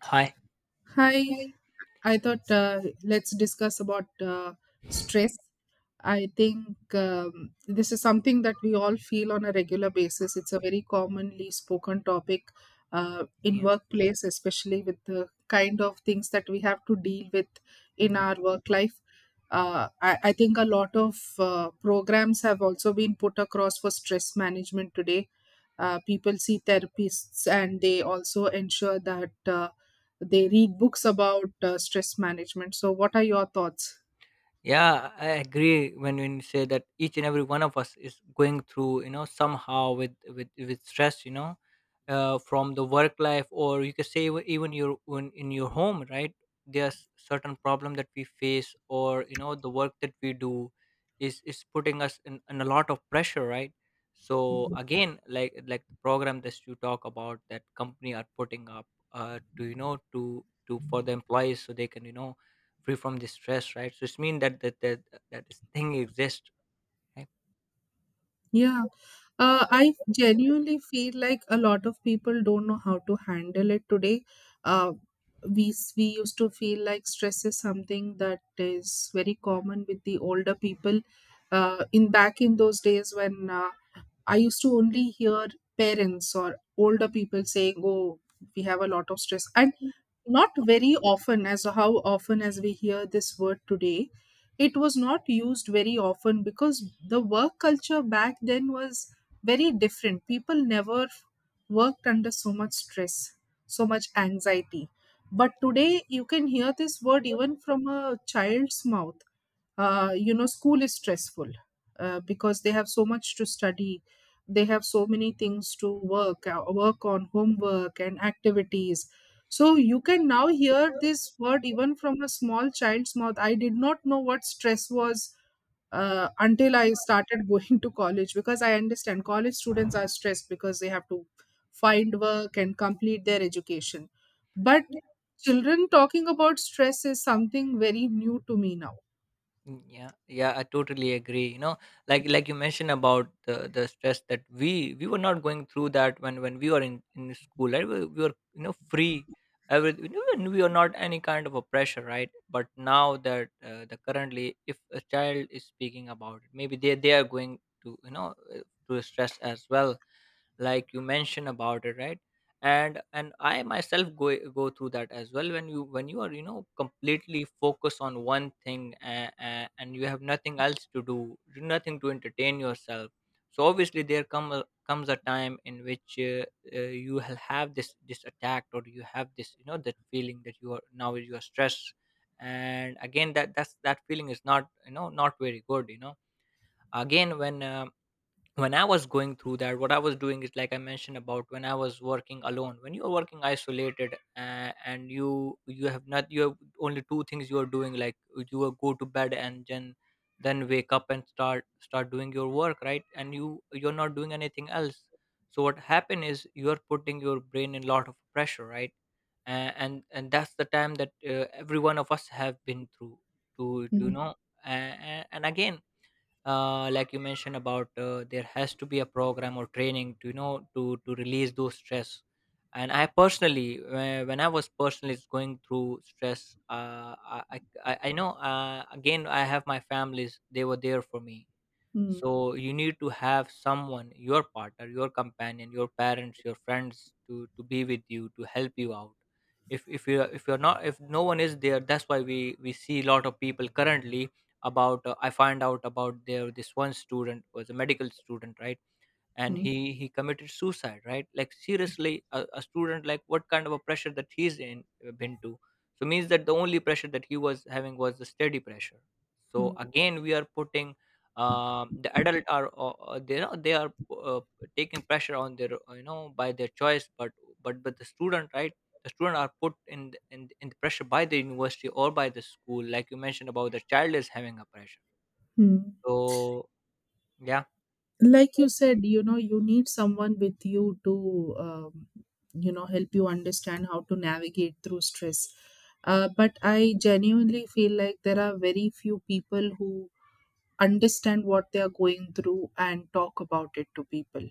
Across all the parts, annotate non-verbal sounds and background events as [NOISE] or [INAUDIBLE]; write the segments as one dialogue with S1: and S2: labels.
S1: Hi.
S2: Hi,
S1: Right.
S2: I thought let's discuss about stress. I think this is something that we all feel on a regular basis. It's a very commonly spoken topic in
S1: Yeah.
S2: workplace, especially with the kind of things that we have to deal with in
S1: Mhm.
S2: our work life. I think a lot of programs have also been put across for stress management today. People see therapists and they also ensure that. They read books about stress management, so what are your thoughts?
S1: Yeah, I agree when you say that each and every one of us is going through, you know, somehow with with stress, you know, from the work life, or you can say even your when in your home, right? There's certain problem that we face, or you know the work that we do is putting us in a lot of pressure, right? So
S2: Mm.
S1: again, like the program that you talk about that company are putting up to you know to for the employees, so they can you know free from the stress, right? So it's mean that that that this thing exists, right?
S2: Yeah, I genuinely feel like a lot of people don't know how to handle it today. uh, we used to feel like stress is something that is very common with the older people, in back in those days when I used to only hear parents or older people saying, oh, we have a lot of stress, and not very often as how often as we hear this word today. It was not used very often because the work culture back then was very different. People never worked under so much stress, so much anxiety. But today you can hear this word even from a child's mouth. You know, school is stressful because they have so much to study. They have so many things to work on, homework and activities. So you can now hear this word even from a small child's mouth. I did not know what stress was until I started [LAUGHS] going to college, because I understand college students are stressed because they have to find work and complete their education. But
S1: Yeah.
S2: children talking about stress is something very new to me now.
S1: Mm, yeah, yeah, I totally agree. You know, like you mentioned about the stress that we were not going through that when we were in school, right? We were you know free. Every, we were not any kind of a pressure, right? But now that the currently, if a child is speaking about it, maybe they are going to you know to stress as well, like you mentioned about it, right? And I myself go through that as well, when you are you know completely focused on one thing, and you have nothing else to do, nothing to entertain yourself. So obviously there comes a time in which you will have this this attack, or you have this you know that feeling that you are now you are stressed. And again that that's that feeling is not you know not very good, you know. Again when I was going through that, what I was doing is, like I mentioned about, when I was working alone, when you're working isolated, and you have not, you have only two things you are doing, like you will go to bed and then wake up and start doing your work, right? And you you're not doing anything else. So what happen is, you're putting your brain in a lot of pressure, right? And that's the time that every one of us have been through to you
S2: Mhm.
S1: know. And again like you mentioned about there has to be a program or training to you know to release those stress. And I personally when I was personally going through stress, I know, again I have my families, they were there for me.
S2: Hmm.
S1: So you need to have someone, your partner, your companion, your parents, your friends to be with you, to help you out. If you if you're not, if no one is there, that's why we see a lot of people currently about. I find out about there, this one student was a medical student, right? And
S2: Hmm,
S1: he committed suicide, right? Like, seriously, a student, like what kind of a pressure that he's in, been to. So means that the only pressure that he was having was the steady pressure. So
S2: hmm,
S1: again, we are putting the adult are they are they are uh, taking pressure on their you know, by their choice. But the student, right? The student are put in the- in the pressure by the university or by the school, like you mentioned about, the child is having a pressure.
S2: hmm.
S1: So yeah.
S2: Like you said, you know, you need someone with you to, you know, help you understand how to navigate through stress. But I genuinely feel like there are very few people who understand what they are going through and talk about it to people,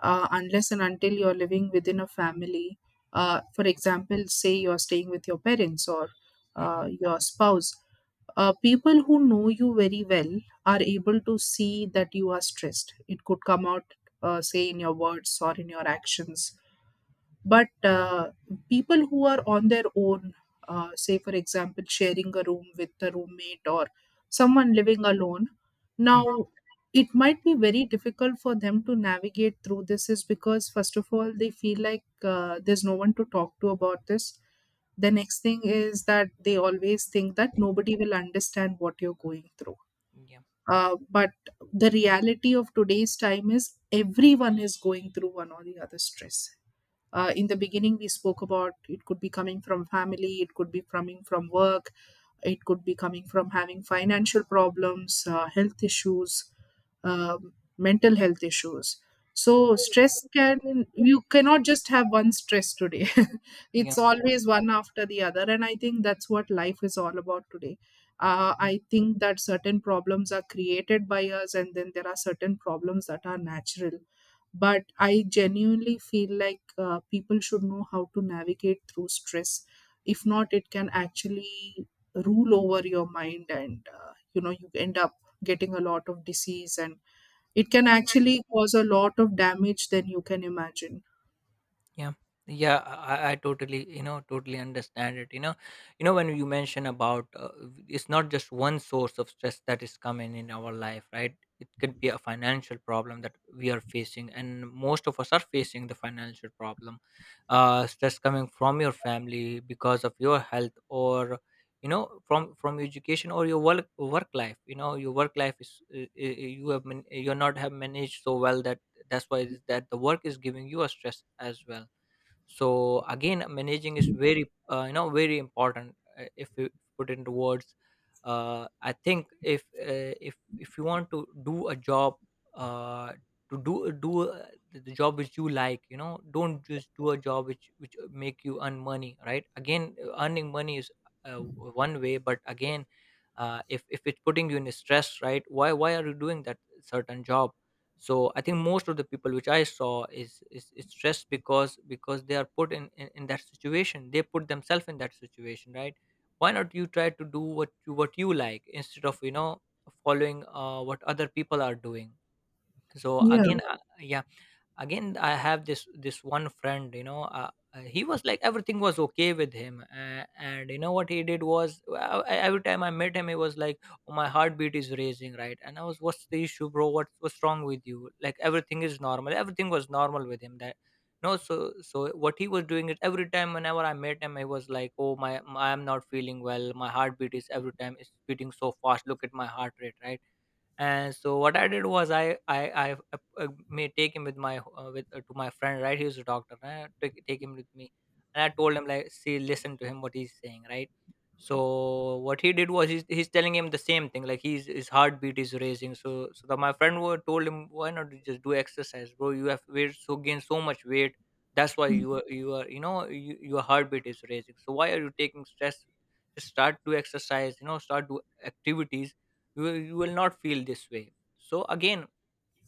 S2: unless and until you're living within a family. For
S1: Yeah.
S2: example, say you're staying with your parents or
S1: Mhm.
S2: your spouse, people who know you very well are able to see that you are stressed. It could come out say in your words or in your actions. But people who are on their own, say for example, sharing a room with a roommate, or someone living alone,
S1: Mhm.
S2: now it might be very difficult for them to navigate through this, is because, first of all, they feel like there's no one to talk to about this. The next thing is that they always think that nobody will understand what you're going through.
S1: Yeah.
S2: But the reality of today's time is everyone is going through one or the other stress. In the beginning we spoke about it could be coming from family, it could be coming from work, it could be coming from having financial problems, health issues, mental health issues. So stress can, you cannot just have one stress today. [LAUGHS] It's always one after the other, and I think that's what life is all about today. I think that certain problems are created by us, and then there are certain problems that are natural. But I genuinely feel like people should know how to navigate through stress. If not, it can actually rule over your mind, and you know, you end up getting a lot of disease, and it can actually cause a lot of damage than you can imagine.
S1: Yeah. Yeah, I totally you know totally understand it, you know. You know when you mention about, it's not just one source of stress that is coming in our life, right? It could be a financial problem that we are facing, and most of us are facing the financial problem. Uh, stress coming from your family, because of your health, or you know, from your education or your work, work life. You know your work life is you have man- you're not have managed so well that that's why is that the work is giving you a stress as well. So again, managing is very you know very important. If you put into words, I think, if you want to do a job, uh, to do the job which you like, you know. Don't just do a job which make you earn money, right? Again, earning money is uh, one way, but again if it's putting you in a stress, right, why are you doing that certain job? So I think most of the people which I saw is is stressed because they are put in that situation, they put themselves in that situation, right? Why not you try to do what you like, instead of you know following what other people are doing? So
S2: Yeah.
S1: again, yeah. Yeah. Again, I have this this one friend, you know, he was like, everything was okay with him, and you know what he did was, I- every time I met him, he was like, oh, my heartbeat is raising, right? And I was, what's the issue bro, what's wrong with you, like, everything is normal, everything was normal with him, that no. So so what he was doing is, every time, whenever I met him, he was like, oh my, I am not feeling well, my heartbeat is every time is beating so fast, look at my heart rate, right? And so what I did was i may take him with my with to my friend, right? He was a doctor, and I took, take him with me, and I told him, like, see, listen to him what he's saying, right? So what he did was, he's telling him the same thing, like, he's his heartbeat is raising, so so that my friend were, told him, why not you just do exercise bro? You have weight, so gain so much weight, that's why you are you are you know you, your heartbeat is raising. So why are you taking stress? Just start to exercise, you know. Start do activities, you will not feel this way. So again,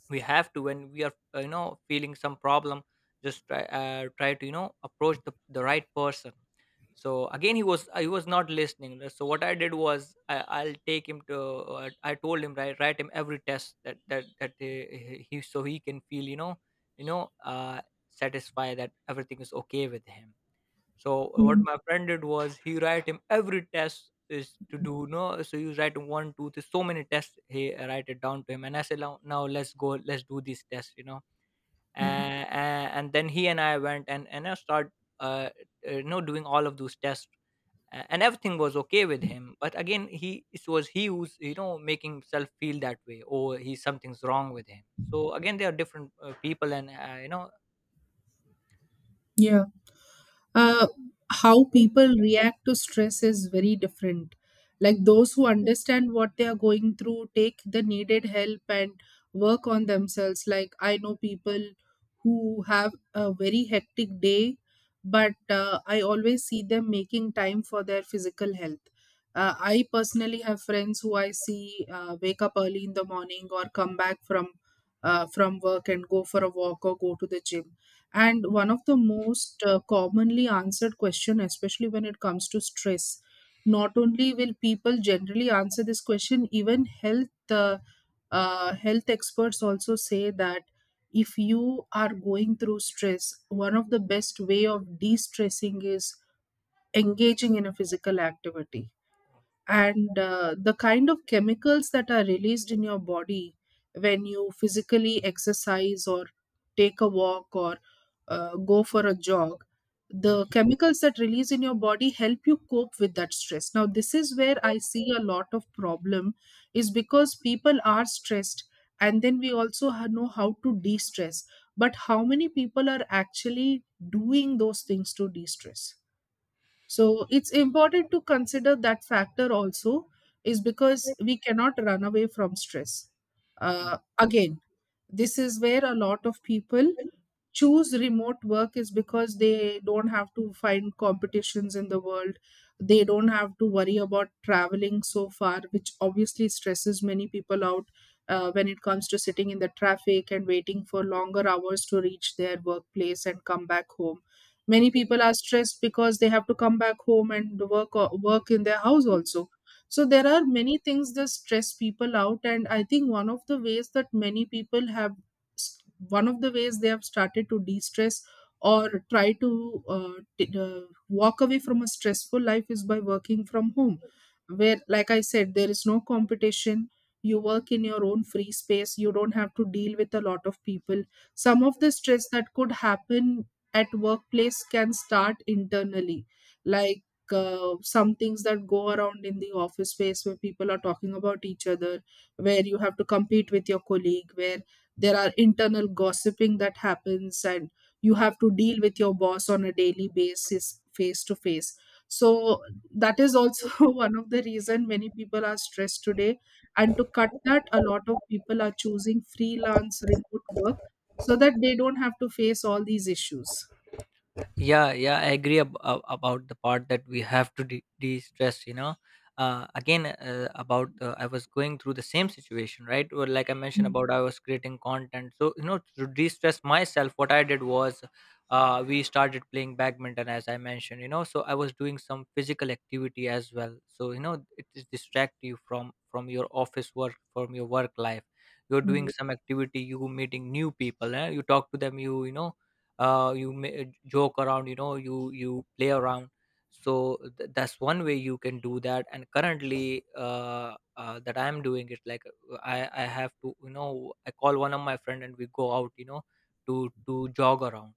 S1: we have to, when we are you know feeling some problem, just try try to you know approach the right person. So again, he was not listening. So what I did was, I, I'll take him to I told him, right, write him every test, that that he, so he can feel you know, you know satisfy that everything is okay with him. So what my friend did was, he write him every test is to do, no? So you write him one two three, so many tests, he write it down to him, and I said, now, now let's go, let's do these tests, you know.
S2: Mm.
S1: and, and then he and I went, and I start uh, you know doing all of those tests. Uh, and everything was okay with him, but again, he, it was he who's you know making himself feel that way, or he, something's wrong with him. So again, there are different people and you know, yeah.
S2: Yeah. uh, how people react to stress is very different. Like those who understand what they are going through, take the needed help and work on themselves. Like I know people who have a very hectic day, but I always see them making time for their physical health. I personally have friends who I see wake up early in the morning or come back from work and go for a walk or go to the gym. And one of the most commonly answered question, especially when it comes to stress, not only will people generally answer this question, even health experts also say that if you are going through stress, one of the best way of de-stressing is engaging in a physical activity. And the kind of chemicals that are released in your body when you physically exercise or take a walk or go for a jog,
S1: Mhm.
S2: the chemicals that release in your body help you cope with that stress. Now this is where I see a lot of problem, is because people are stressed, and then we also know how to de-stress, but how many people are actually doing those things to de-stress? So it's important to consider that factor also, is because we cannot run away from stress. Again, this is where a lot of people choose remote work, is because they don't have to find competitions in the world. They don't have to worry about traveling so far, which obviously stresses many people out, when it comes to sitting in the traffic and waiting for longer hours to reach their workplace and come back home. Many people are stressed because they have to come back home and work in their house also. So there are many things that stress people out, and I think one of the ways that many people have, one of the ways they have started to de-stress or try to t- uh, walk away from a stressful life is by working from home, where like I said, there is no competition. You work in your own free space, you don't have to deal with a lot of people. Some of the stress that could happen at workplace can start internally, like some things that go around in the office space where people are talking about each other, where you have to compete with your colleague, where there are internal gossiping that happens, and you have to deal with your boss on a daily basis face to face. So that is also [LAUGHS] one of the reason many people are stressed today, and to cut that, a lot of people are choosing freelance remote work so that they don't have to face all these issues.
S1: Yeah, I agree about the part that we have to de-stress, you know. Uh, again about I was going through the same situation, right? Or like I mentioned about, I was creating content, so you know, to de-stress myself, what I did was we started playing badminton, as I mentioned, you know. So I was doing some physical activity as well, so you know it is distract you from your office work, from your work life. You're
S2: Mm,
S1: doing some activity, you meeting new people, eh? You talk to them, you may joke around, you you play around. So that's one way you can do that. And currently, that I'm doing it like, I have to, I call one of my friend and we go out, to jog around.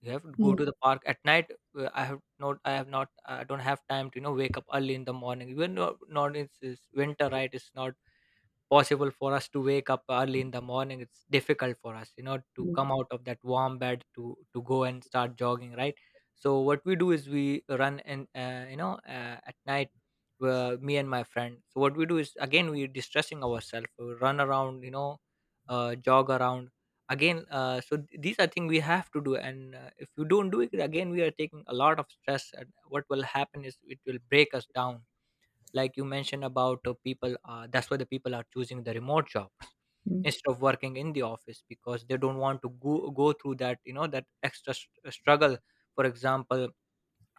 S1: You have to go
S2: mm,
S1: to the park at night. I have not, I don't have time to, wake up early in the morning, even though not, it's winter, right? It's not possible for us to wake up early in the morning. It's difficult for us, to
S2: mm,
S1: come out of that warm bed to go and start jogging, right? So what we do is we run, and at night, me and my friend. So what we do is, again, we're distressing ourselves. We run around, jog around. These are things we have to do. And if you don't do it, again, we are taking a lot of stress, and what will happen is it will break us down. Like you mentioned about people, that's why the people are choosing the remote jobs [LAUGHS]
S2: mm.
S1: instead of working in the office, because they don't want to go through that, that extra struggle. For example,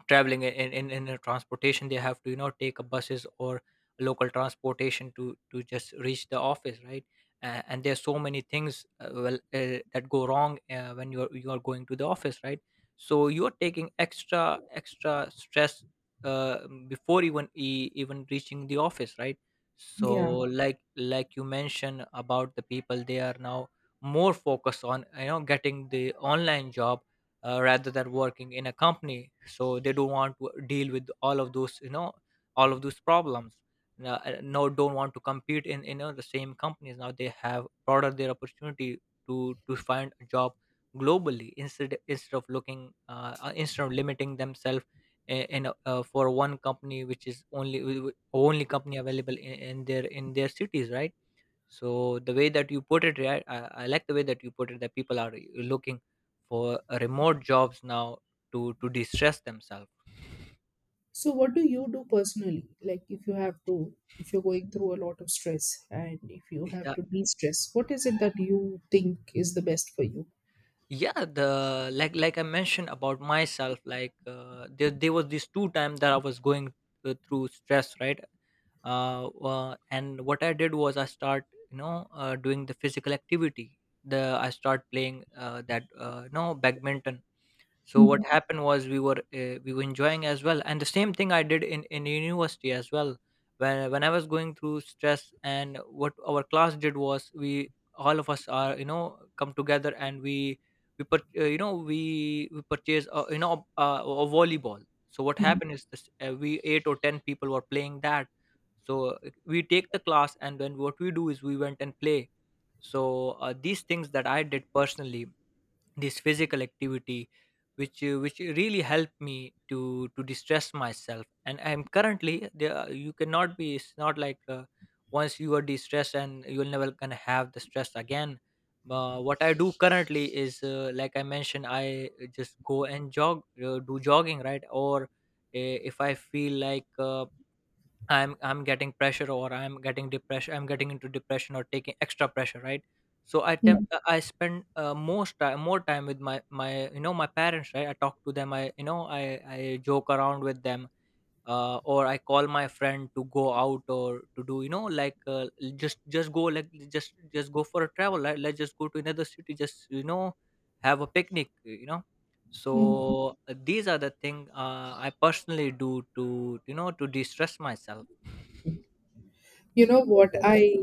S1: traveling in in a transportation, they have to, take a buses or local transportation to just reach the office, right? And there's so many things, that go wrong when you're going to the office, right? So you're taking extra stress, uh, before even even reaching the office, right? So,
S2: Yeah.
S1: like you mentioned about the people, they are now more focused on, getting the online job, rather than working in a company. So they don't want to deal with all of those, all of those problems. Now, no, don't want to compete in, the same companies. Now they have broader their opportunity to find a job globally, instead of looking, instead of limiting themselves in a, for one company, which is only only company available in their cities, right? So the way that you put it, right? I like the way that you put it, that people are looking for remote jobs now to distress themselves.
S2: So, what do you do personally? Like, if you have to, if you're going through a lot of stress and if you have
S1: Yeah,
S2: to de stress, what is it that you think is the best for you?
S1: yeah. The, like I mentioned about myself, like, there there was this two time that I was going through stress, right? And what I did was I start, doing the physical activity. The I start playing that, no, badminton. So
S2: Hmm.
S1: what happened was, we were enjoying as well. And the same thing I did in university as well, when I was going through stress. And what our class did was, we, all of us are, come together, and we put you know we purchase, a volleyball. So what
S2: Hmm.
S1: happened is this, we eight or ten people were playing that. So we take the class, and then what we do is we went and play. So these things that I did personally, this physical activity, which really helped me to distress myself. And I'm currently there. You cannot be, it's not like, once you are distressed and you're never gonna have the stress again. What I do currently is, like I mentioned, I just go and jog, do jogging, right? Or if I feel like, I'm getting pressure, or I'm getting depression, I'm getting into depression or taking extra pressure, right? So
S2: Hmm.
S1: I spend, most time, more time with my my you know, my parents, right? I talk to them, I you know I joke around with them. Or I call my friend to go out, or to do, like, just go for a travel. Let's just go to another city. Just, have a picnic, you know?
S2: Hmm.
S1: So these are the thing, I personally do to, to de-stress myself.
S2: You know what? I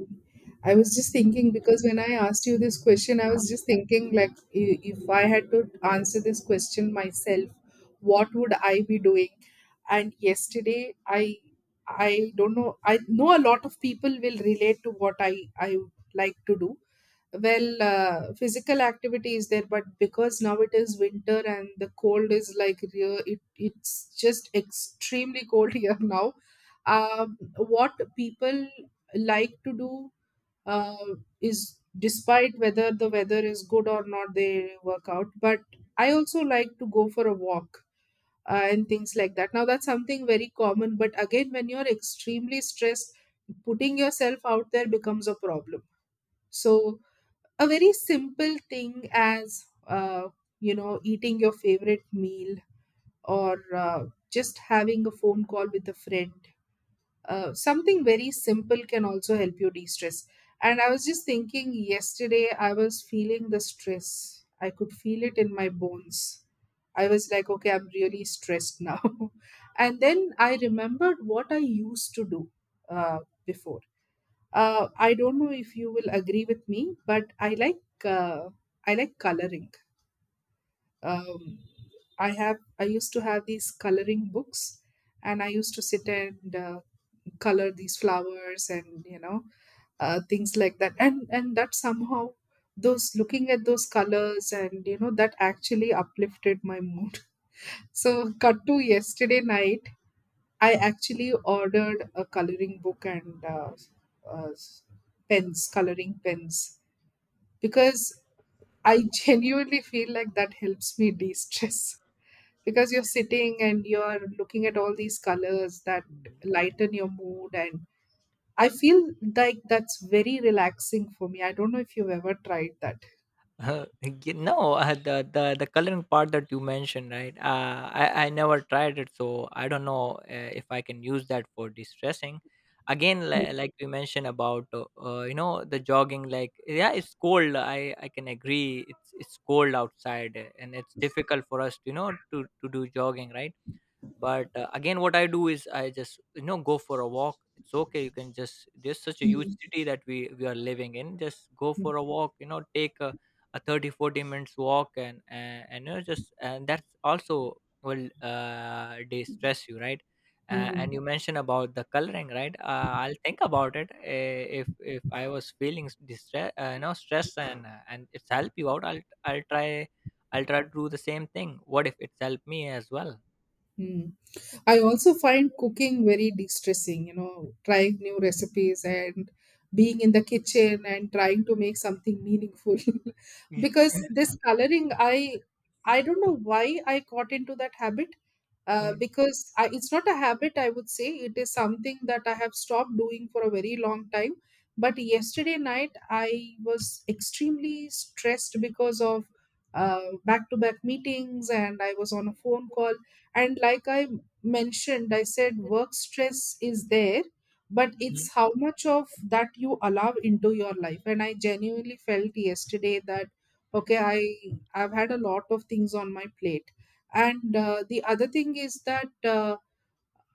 S2: I was just thinking, because when I asked you this question, I was just thinking like, if I had to answer this question myself, what would I be doing? And yesterday, I don't know. I know a lot of people will relate to what I like to do. Well, physical activity is there, but because now it is winter and the cold is like real, it's just extremely cold [LAUGHS] here now. um, what people like to do uh, is despite whether the weather is good or not, they work out. But I also like to go for a walk and things like that. Now that's something very common, but again, when you're extremely stressed, putting yourself out there becomes a problem. So a very simple thing as you know, eating your favorite meal, or just having a phone call with a friend, something very simple can also help you de stress. And I was just thinking yesterday, I was feeling the stress. I could feel it in my bones. I was like, okay, I'm really stressed now. [LAUGHS] And then I remembered what I used to do uh, before. I don't know if you will agree with me, but I like coloring. Um, I used to have these coloring books, and I used to sit and color these flowers, and you know, things like that, and that somehow, those, looking at those colors, and you know, that actually uplifted my mood. [LAUGHS] So cut to yesterday night, I actually ordered a coloring book and uh, pens, coloring pens, because I [LAUGHS] genuinely feel like that helps me de-stress, [LAUGHS] because you're sitting and you're looking at all these colors that lighten your mood, and I feel like that's very relaxing for me. I don't know if you've ever tried that.
S1: No, the, the coloring part that you mentioned, right? I never tried it, so I don't know if I can use that for distressing. Again, like we mentioned about, you know, the jogging, like, yeah, it's cold. I can agree, it's cold outside, and it's difficult for us to, you know, to do jogging, right? But again, what I do is, I just, you know, go for a walk. It's okay. You can just, there's such a huge
S2: Mm,
S1: city that we are living in, just go
S2: mm,
S1: for a walk, you know, take a 30-40 minutes walk, and and you know just, and that's also will de stress you, right? And
S2: mm,
S1: you mentioned about the coloring, right? I'll think about it. If I was feeling distress, you know, stress, and it's help you out, I'll try. I'll try to do the same thing, what, if it's helped me as well.
S2: mm. I also find cooking very de-stressing, you know, trying new recipes and being in the kitchen and trying to make something meaningful. [LAUGHS] Because this coloring, I don't know why I got into that habit.
S1: Mhm.
S2: Because it's not a habit, I would say it is something that I have stopped doing for a very long time. But yesterday night I was extremely stressed because of back-to-back meetings and I was on a phone call, and like I mentioned, I said work stress is there, but it's
S1: Mhm.
S2: how much of that you allow into your life. And I genuinely felt yesterday that okay, I've had a lot of things on my plate. And the other thing is that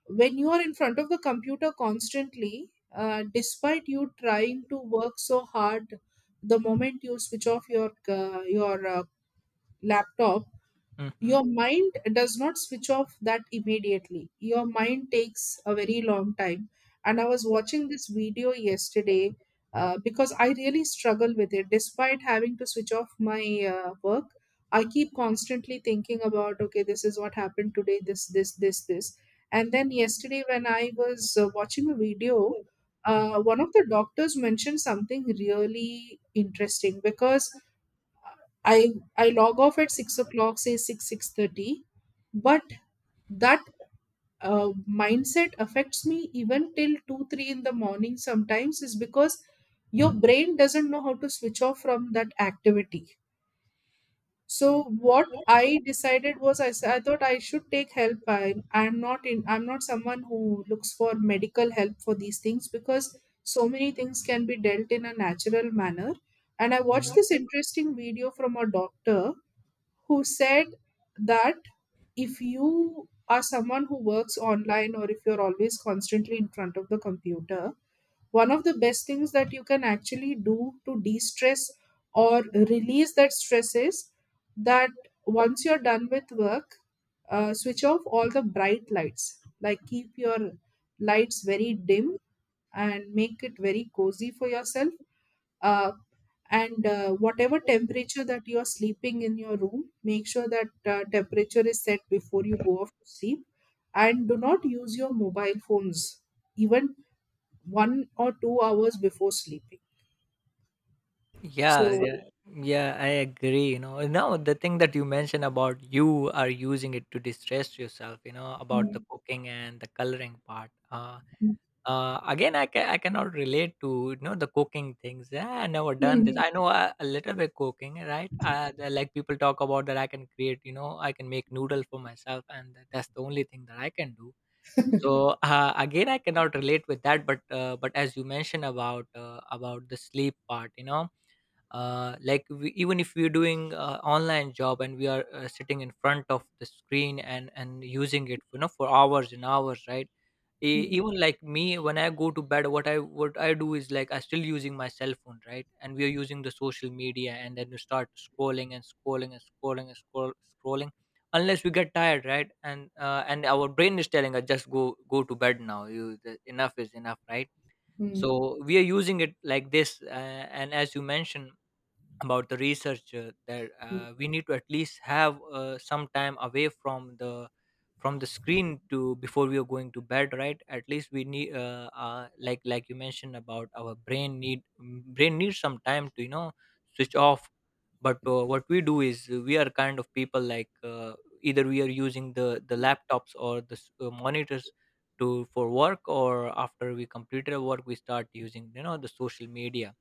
S2: when you are in front of the computer constantly, despite you trying to work so hard, the moment you switch off your laptop,
S1: Mhm.
S2: your mind does not switch off that immediately. Your mind takes a very long time. And I was watching this video yesterday, because I really struggle with it, despite having to switch off my work, I keep constantly thinking about okay, this is what happened today, this this this this. And then yesterday when I was watching a video,
S1: Mm.
S2: one of the doctors mentioned something really interesting. Because I I log off at 6 o'clock, say 6, 6:30, but that mindset affects me even till 2, 3 in the morning sometimes, is because your brain doesn't know how to switch off from that activity. So what I decided was I thought I should take help. I, I'm not in, I'm not someone who looks for medical help for these things, because so many things can be dealt in a natural manner. And I watched
S1: Mhm.
S2: this interesting video from a doctor who said that if you are someone who works online, or if you're always constantly in front of the computer, one of the best things that you can actually do to de stress or release that stress is that once you're done with work, switch off all the bright lights. Like, keep your lights very dim and make it very cozy for yourself. uh, and whatever temperature that you are sleeping in your room, make sure that temperature is set before you go off to sleep, and do not use your mobile phones even 1 or 2 hours before sleeping.
S1: Yeah,
S2: So
S1: yeah, yeah, I agree. You know, now the thing that you mentioned, about you are using it to distress yourself, you know, about the
S2: hmm,
S1: cooking and the coloring part. Again, I cannot relate to, you know, the cooking things. Yeah, I never done this. Mm, I know a little bit cooking, right? Like people talk about that I can create, you know, I can make noodle for myself, and that's the only thing that I can do. So again, I cannot relate with that, but as you mentioned about, about the sleep part, you know, like we, even if we're doing online job, and we are sitting in front of the screen and using it, you know, for hours and hours, right?
S2: hmm,
S1: Even like me, when I go to bed, what I what I do is, like, I still using my cell phone, right? And we are using the social media, and then you start scrolling and scrolling and scrolling and scrolling, unless we get tired, right? And and our brain is telling us just go to bed now. You the, enough is enough, right?
S2: hmm,
S1: So we are using it like this. And as you mentioned about the research, that we need to at least have some time away from the screen to before we are going to bed, right? At least we need, like you mentioned, about our brain need, mm, brain needs some time to, you know, switch off. But what we do is, we are kind of people like, either we are using the laptops or the monitors to for work, or after we complete our work, we start using, you know, the social media.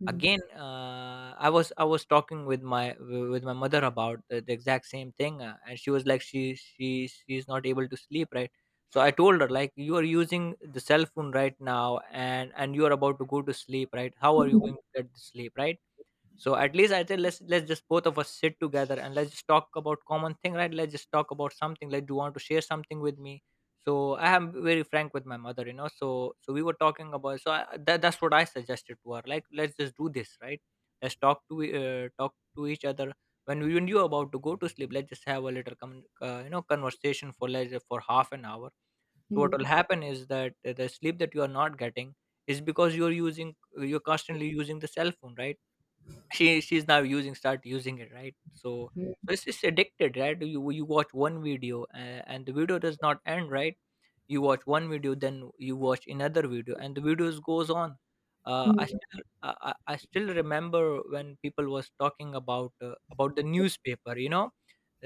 S2: hmm,
S1: Again, I was talking with my with my mother about the exact same thing, and she was like, she's not able to sleep, right? So I told her, like, you are using the cell phone right now, and you are about to go to sleep, right? How are you
S2: hmm,
S1: going to get the sleep, right? So at least I said, let's just both of us sit together, and let's just talk about common thing, right? Let's just talk about something, like, do you want to share something with me? So I am very frank with my mother, you know, so so we were talking about. So that, that's what I suggested to her, like, let's just do this, right? Let's talk to talk to each other when we knew about to go to sleep. Let's just have a little you know, conversation for like, for half an hour. So
S2: hmm,
S1: what will happen is that, the sleep that you are not getting, is because you're using, you're constantly using the cell phone, right? She's now using, start using it, right? So so it's just addicted, right? You watch one video, and the video does not end, right? You watch one video, then you watch another video, and the videos goes on.
S2: hmm, hmm,
S1: I still remember, when people was talking about, about the newspaper, you know.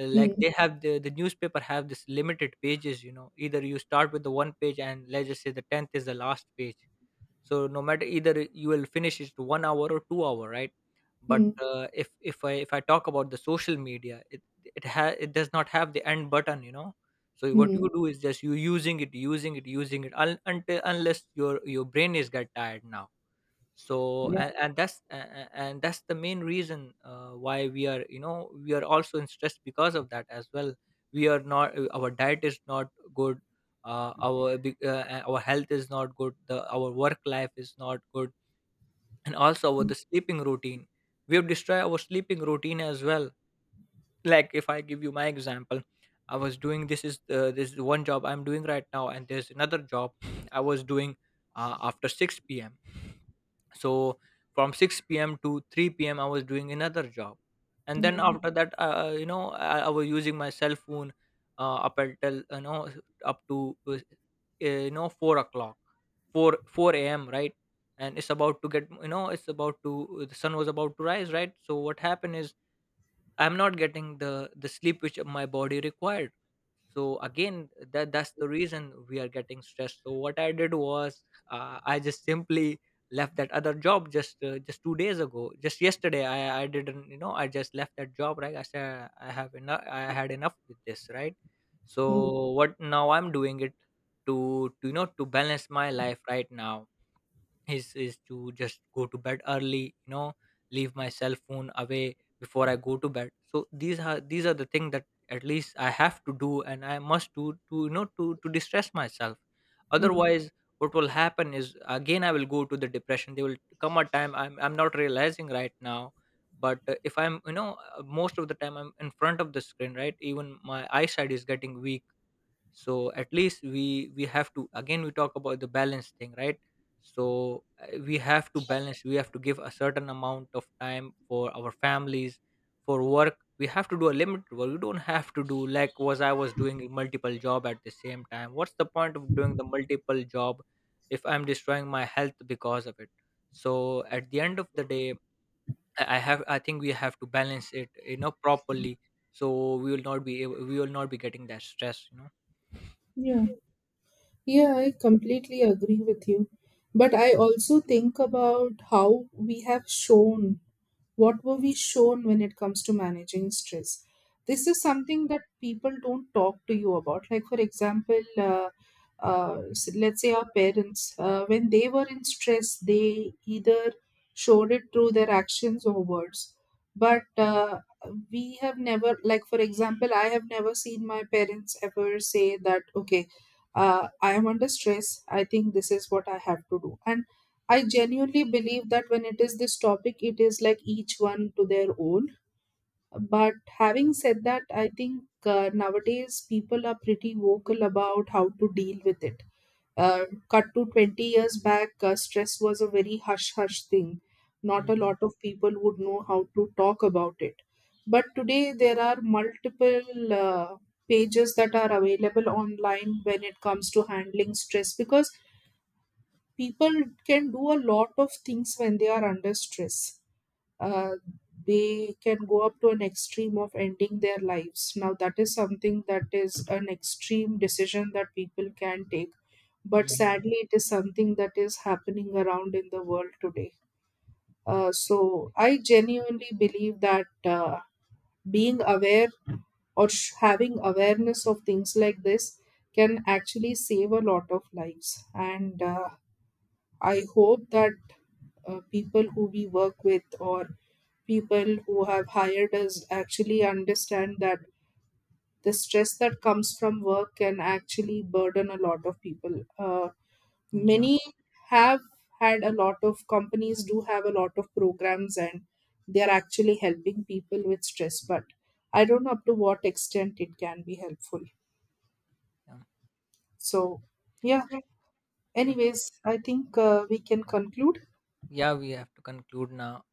S1: Like,
S2: hmm,
S1: they have the newspaper have this limited pages, you know, either you start with the one page, and let's just say the 10th is the last page. So, no matter, either you will finish it to 1 hour or 2 hour, right? But
S2: hmm,
S1: if I talk about the social media, it does not have the end button, you know. So what
S2: hmm,
S1: you do is, just you using it, using it, using it, until, unless your your brain is get tired now. So,
S2: yeah.
S1: and that's and that's the main reason why we are, you know, we are also in stress because of that as well. We are not, our diet is not good, our health is not good, the our work life is not good, and also our
S2: Hmm,
S1: the sleeping routine. We have destroyed our sleeping routine as well. Like, if I give you my example, I was doing, this is one job I'm doing right now, and there's another job I was doing after 6 p.m. So from 6 p.m. to 3 p.m. I was doing another job. And then
S2: hmm,
S1: after that, you know, I was using my cell phone up until, you know, up to you know, 4 o'clock, 4 4 a.m, right? And it's about to get, you know, it's about to, the sun was about to rise, right? So what happened is, I'm not getting the sleep which my body required. So again, that that's the reason we are getting stressed. So what I did was, I just simply left that other job just, 2 days ago. Just yesterday, I didn't, you know, I just left that job. Right, I said I have enough. I had enough with this. Right.
S2: hmm,
S1: So what now I'm doing it to, you know, to balance my life, right now, is to just go to bed early, you know, leave my cell phone away before I go to bed. So these are, these are the things that at least I have to do, and I must do to, you know, to distress myself.
S2: hmm.
S1: Otherwise, what will happen is, again, I will go to the depression. There will come a time, I'm not realizing right now, but if I'm, you know, most of the time I'm in front of the screen, right, even my eyesight is getting weak. So at least we have to, again, we talk about the balance thing, right? So we have to balance, we have to give a certain amount of time for our families, for work we have to do a limited work, we don't have to do like was, I was doing multiple job at the same time. What's the point of doing the multiple job if I'm destroying my health because of it? So at the end of the day, I think we have to balance it, you know, properly. So we will not be able, we will not be getting that stress, you
S2: Yeah. Yeah, I completely agree with you. But I also think about how we have shown what were we shown when it comes to managing stress. This is something that people don't talk to you about. Like, for example, let's say our parents, when they were in stress, they either showed it through their actions or words. But
S1: know.
S2: we have never, like for example, I have never seen my parents ever say that okay, I am under stress, I think this is what I have to do. And I genuinely believe that when it is this topic, it is like each one to their own. But having said that, I think nowadays people are pretty vocal about how to deal with it. Uh, Cut to 20 years back, stress was a very hush hush thing. Not a
S1: Mhm.
S2: lot of people would know how to talk about it. But today, there are multiple uh, pages that are available online when it comes to handling stress. Because people can do a lot of things when they are under stress. Uh, they can go up to an extreme of ending their lives. Now, that is something that is an extreme decision that people can take. But
S1: Mhm.
S2: sadly, it is something that is happening around in the world today. So, I genuinely believe that being aware, or having awareness of things like this, can actually save a lot of lives. And I hope that people who we work with, or people who have hired us, actually understand that the stress that comes from work can actually burden a lot of people.
S1: Yeah,
S2: Many have had, a lot of companies do have a lot of programs, and they are actually helping people with stress, but I don't know up to what extent it can be helpful.
S1: yeah,
S2: So, yeah,
S1: okay.
S2: anyways, I think we can conclude.
S1: Yeah, we have to conclude now.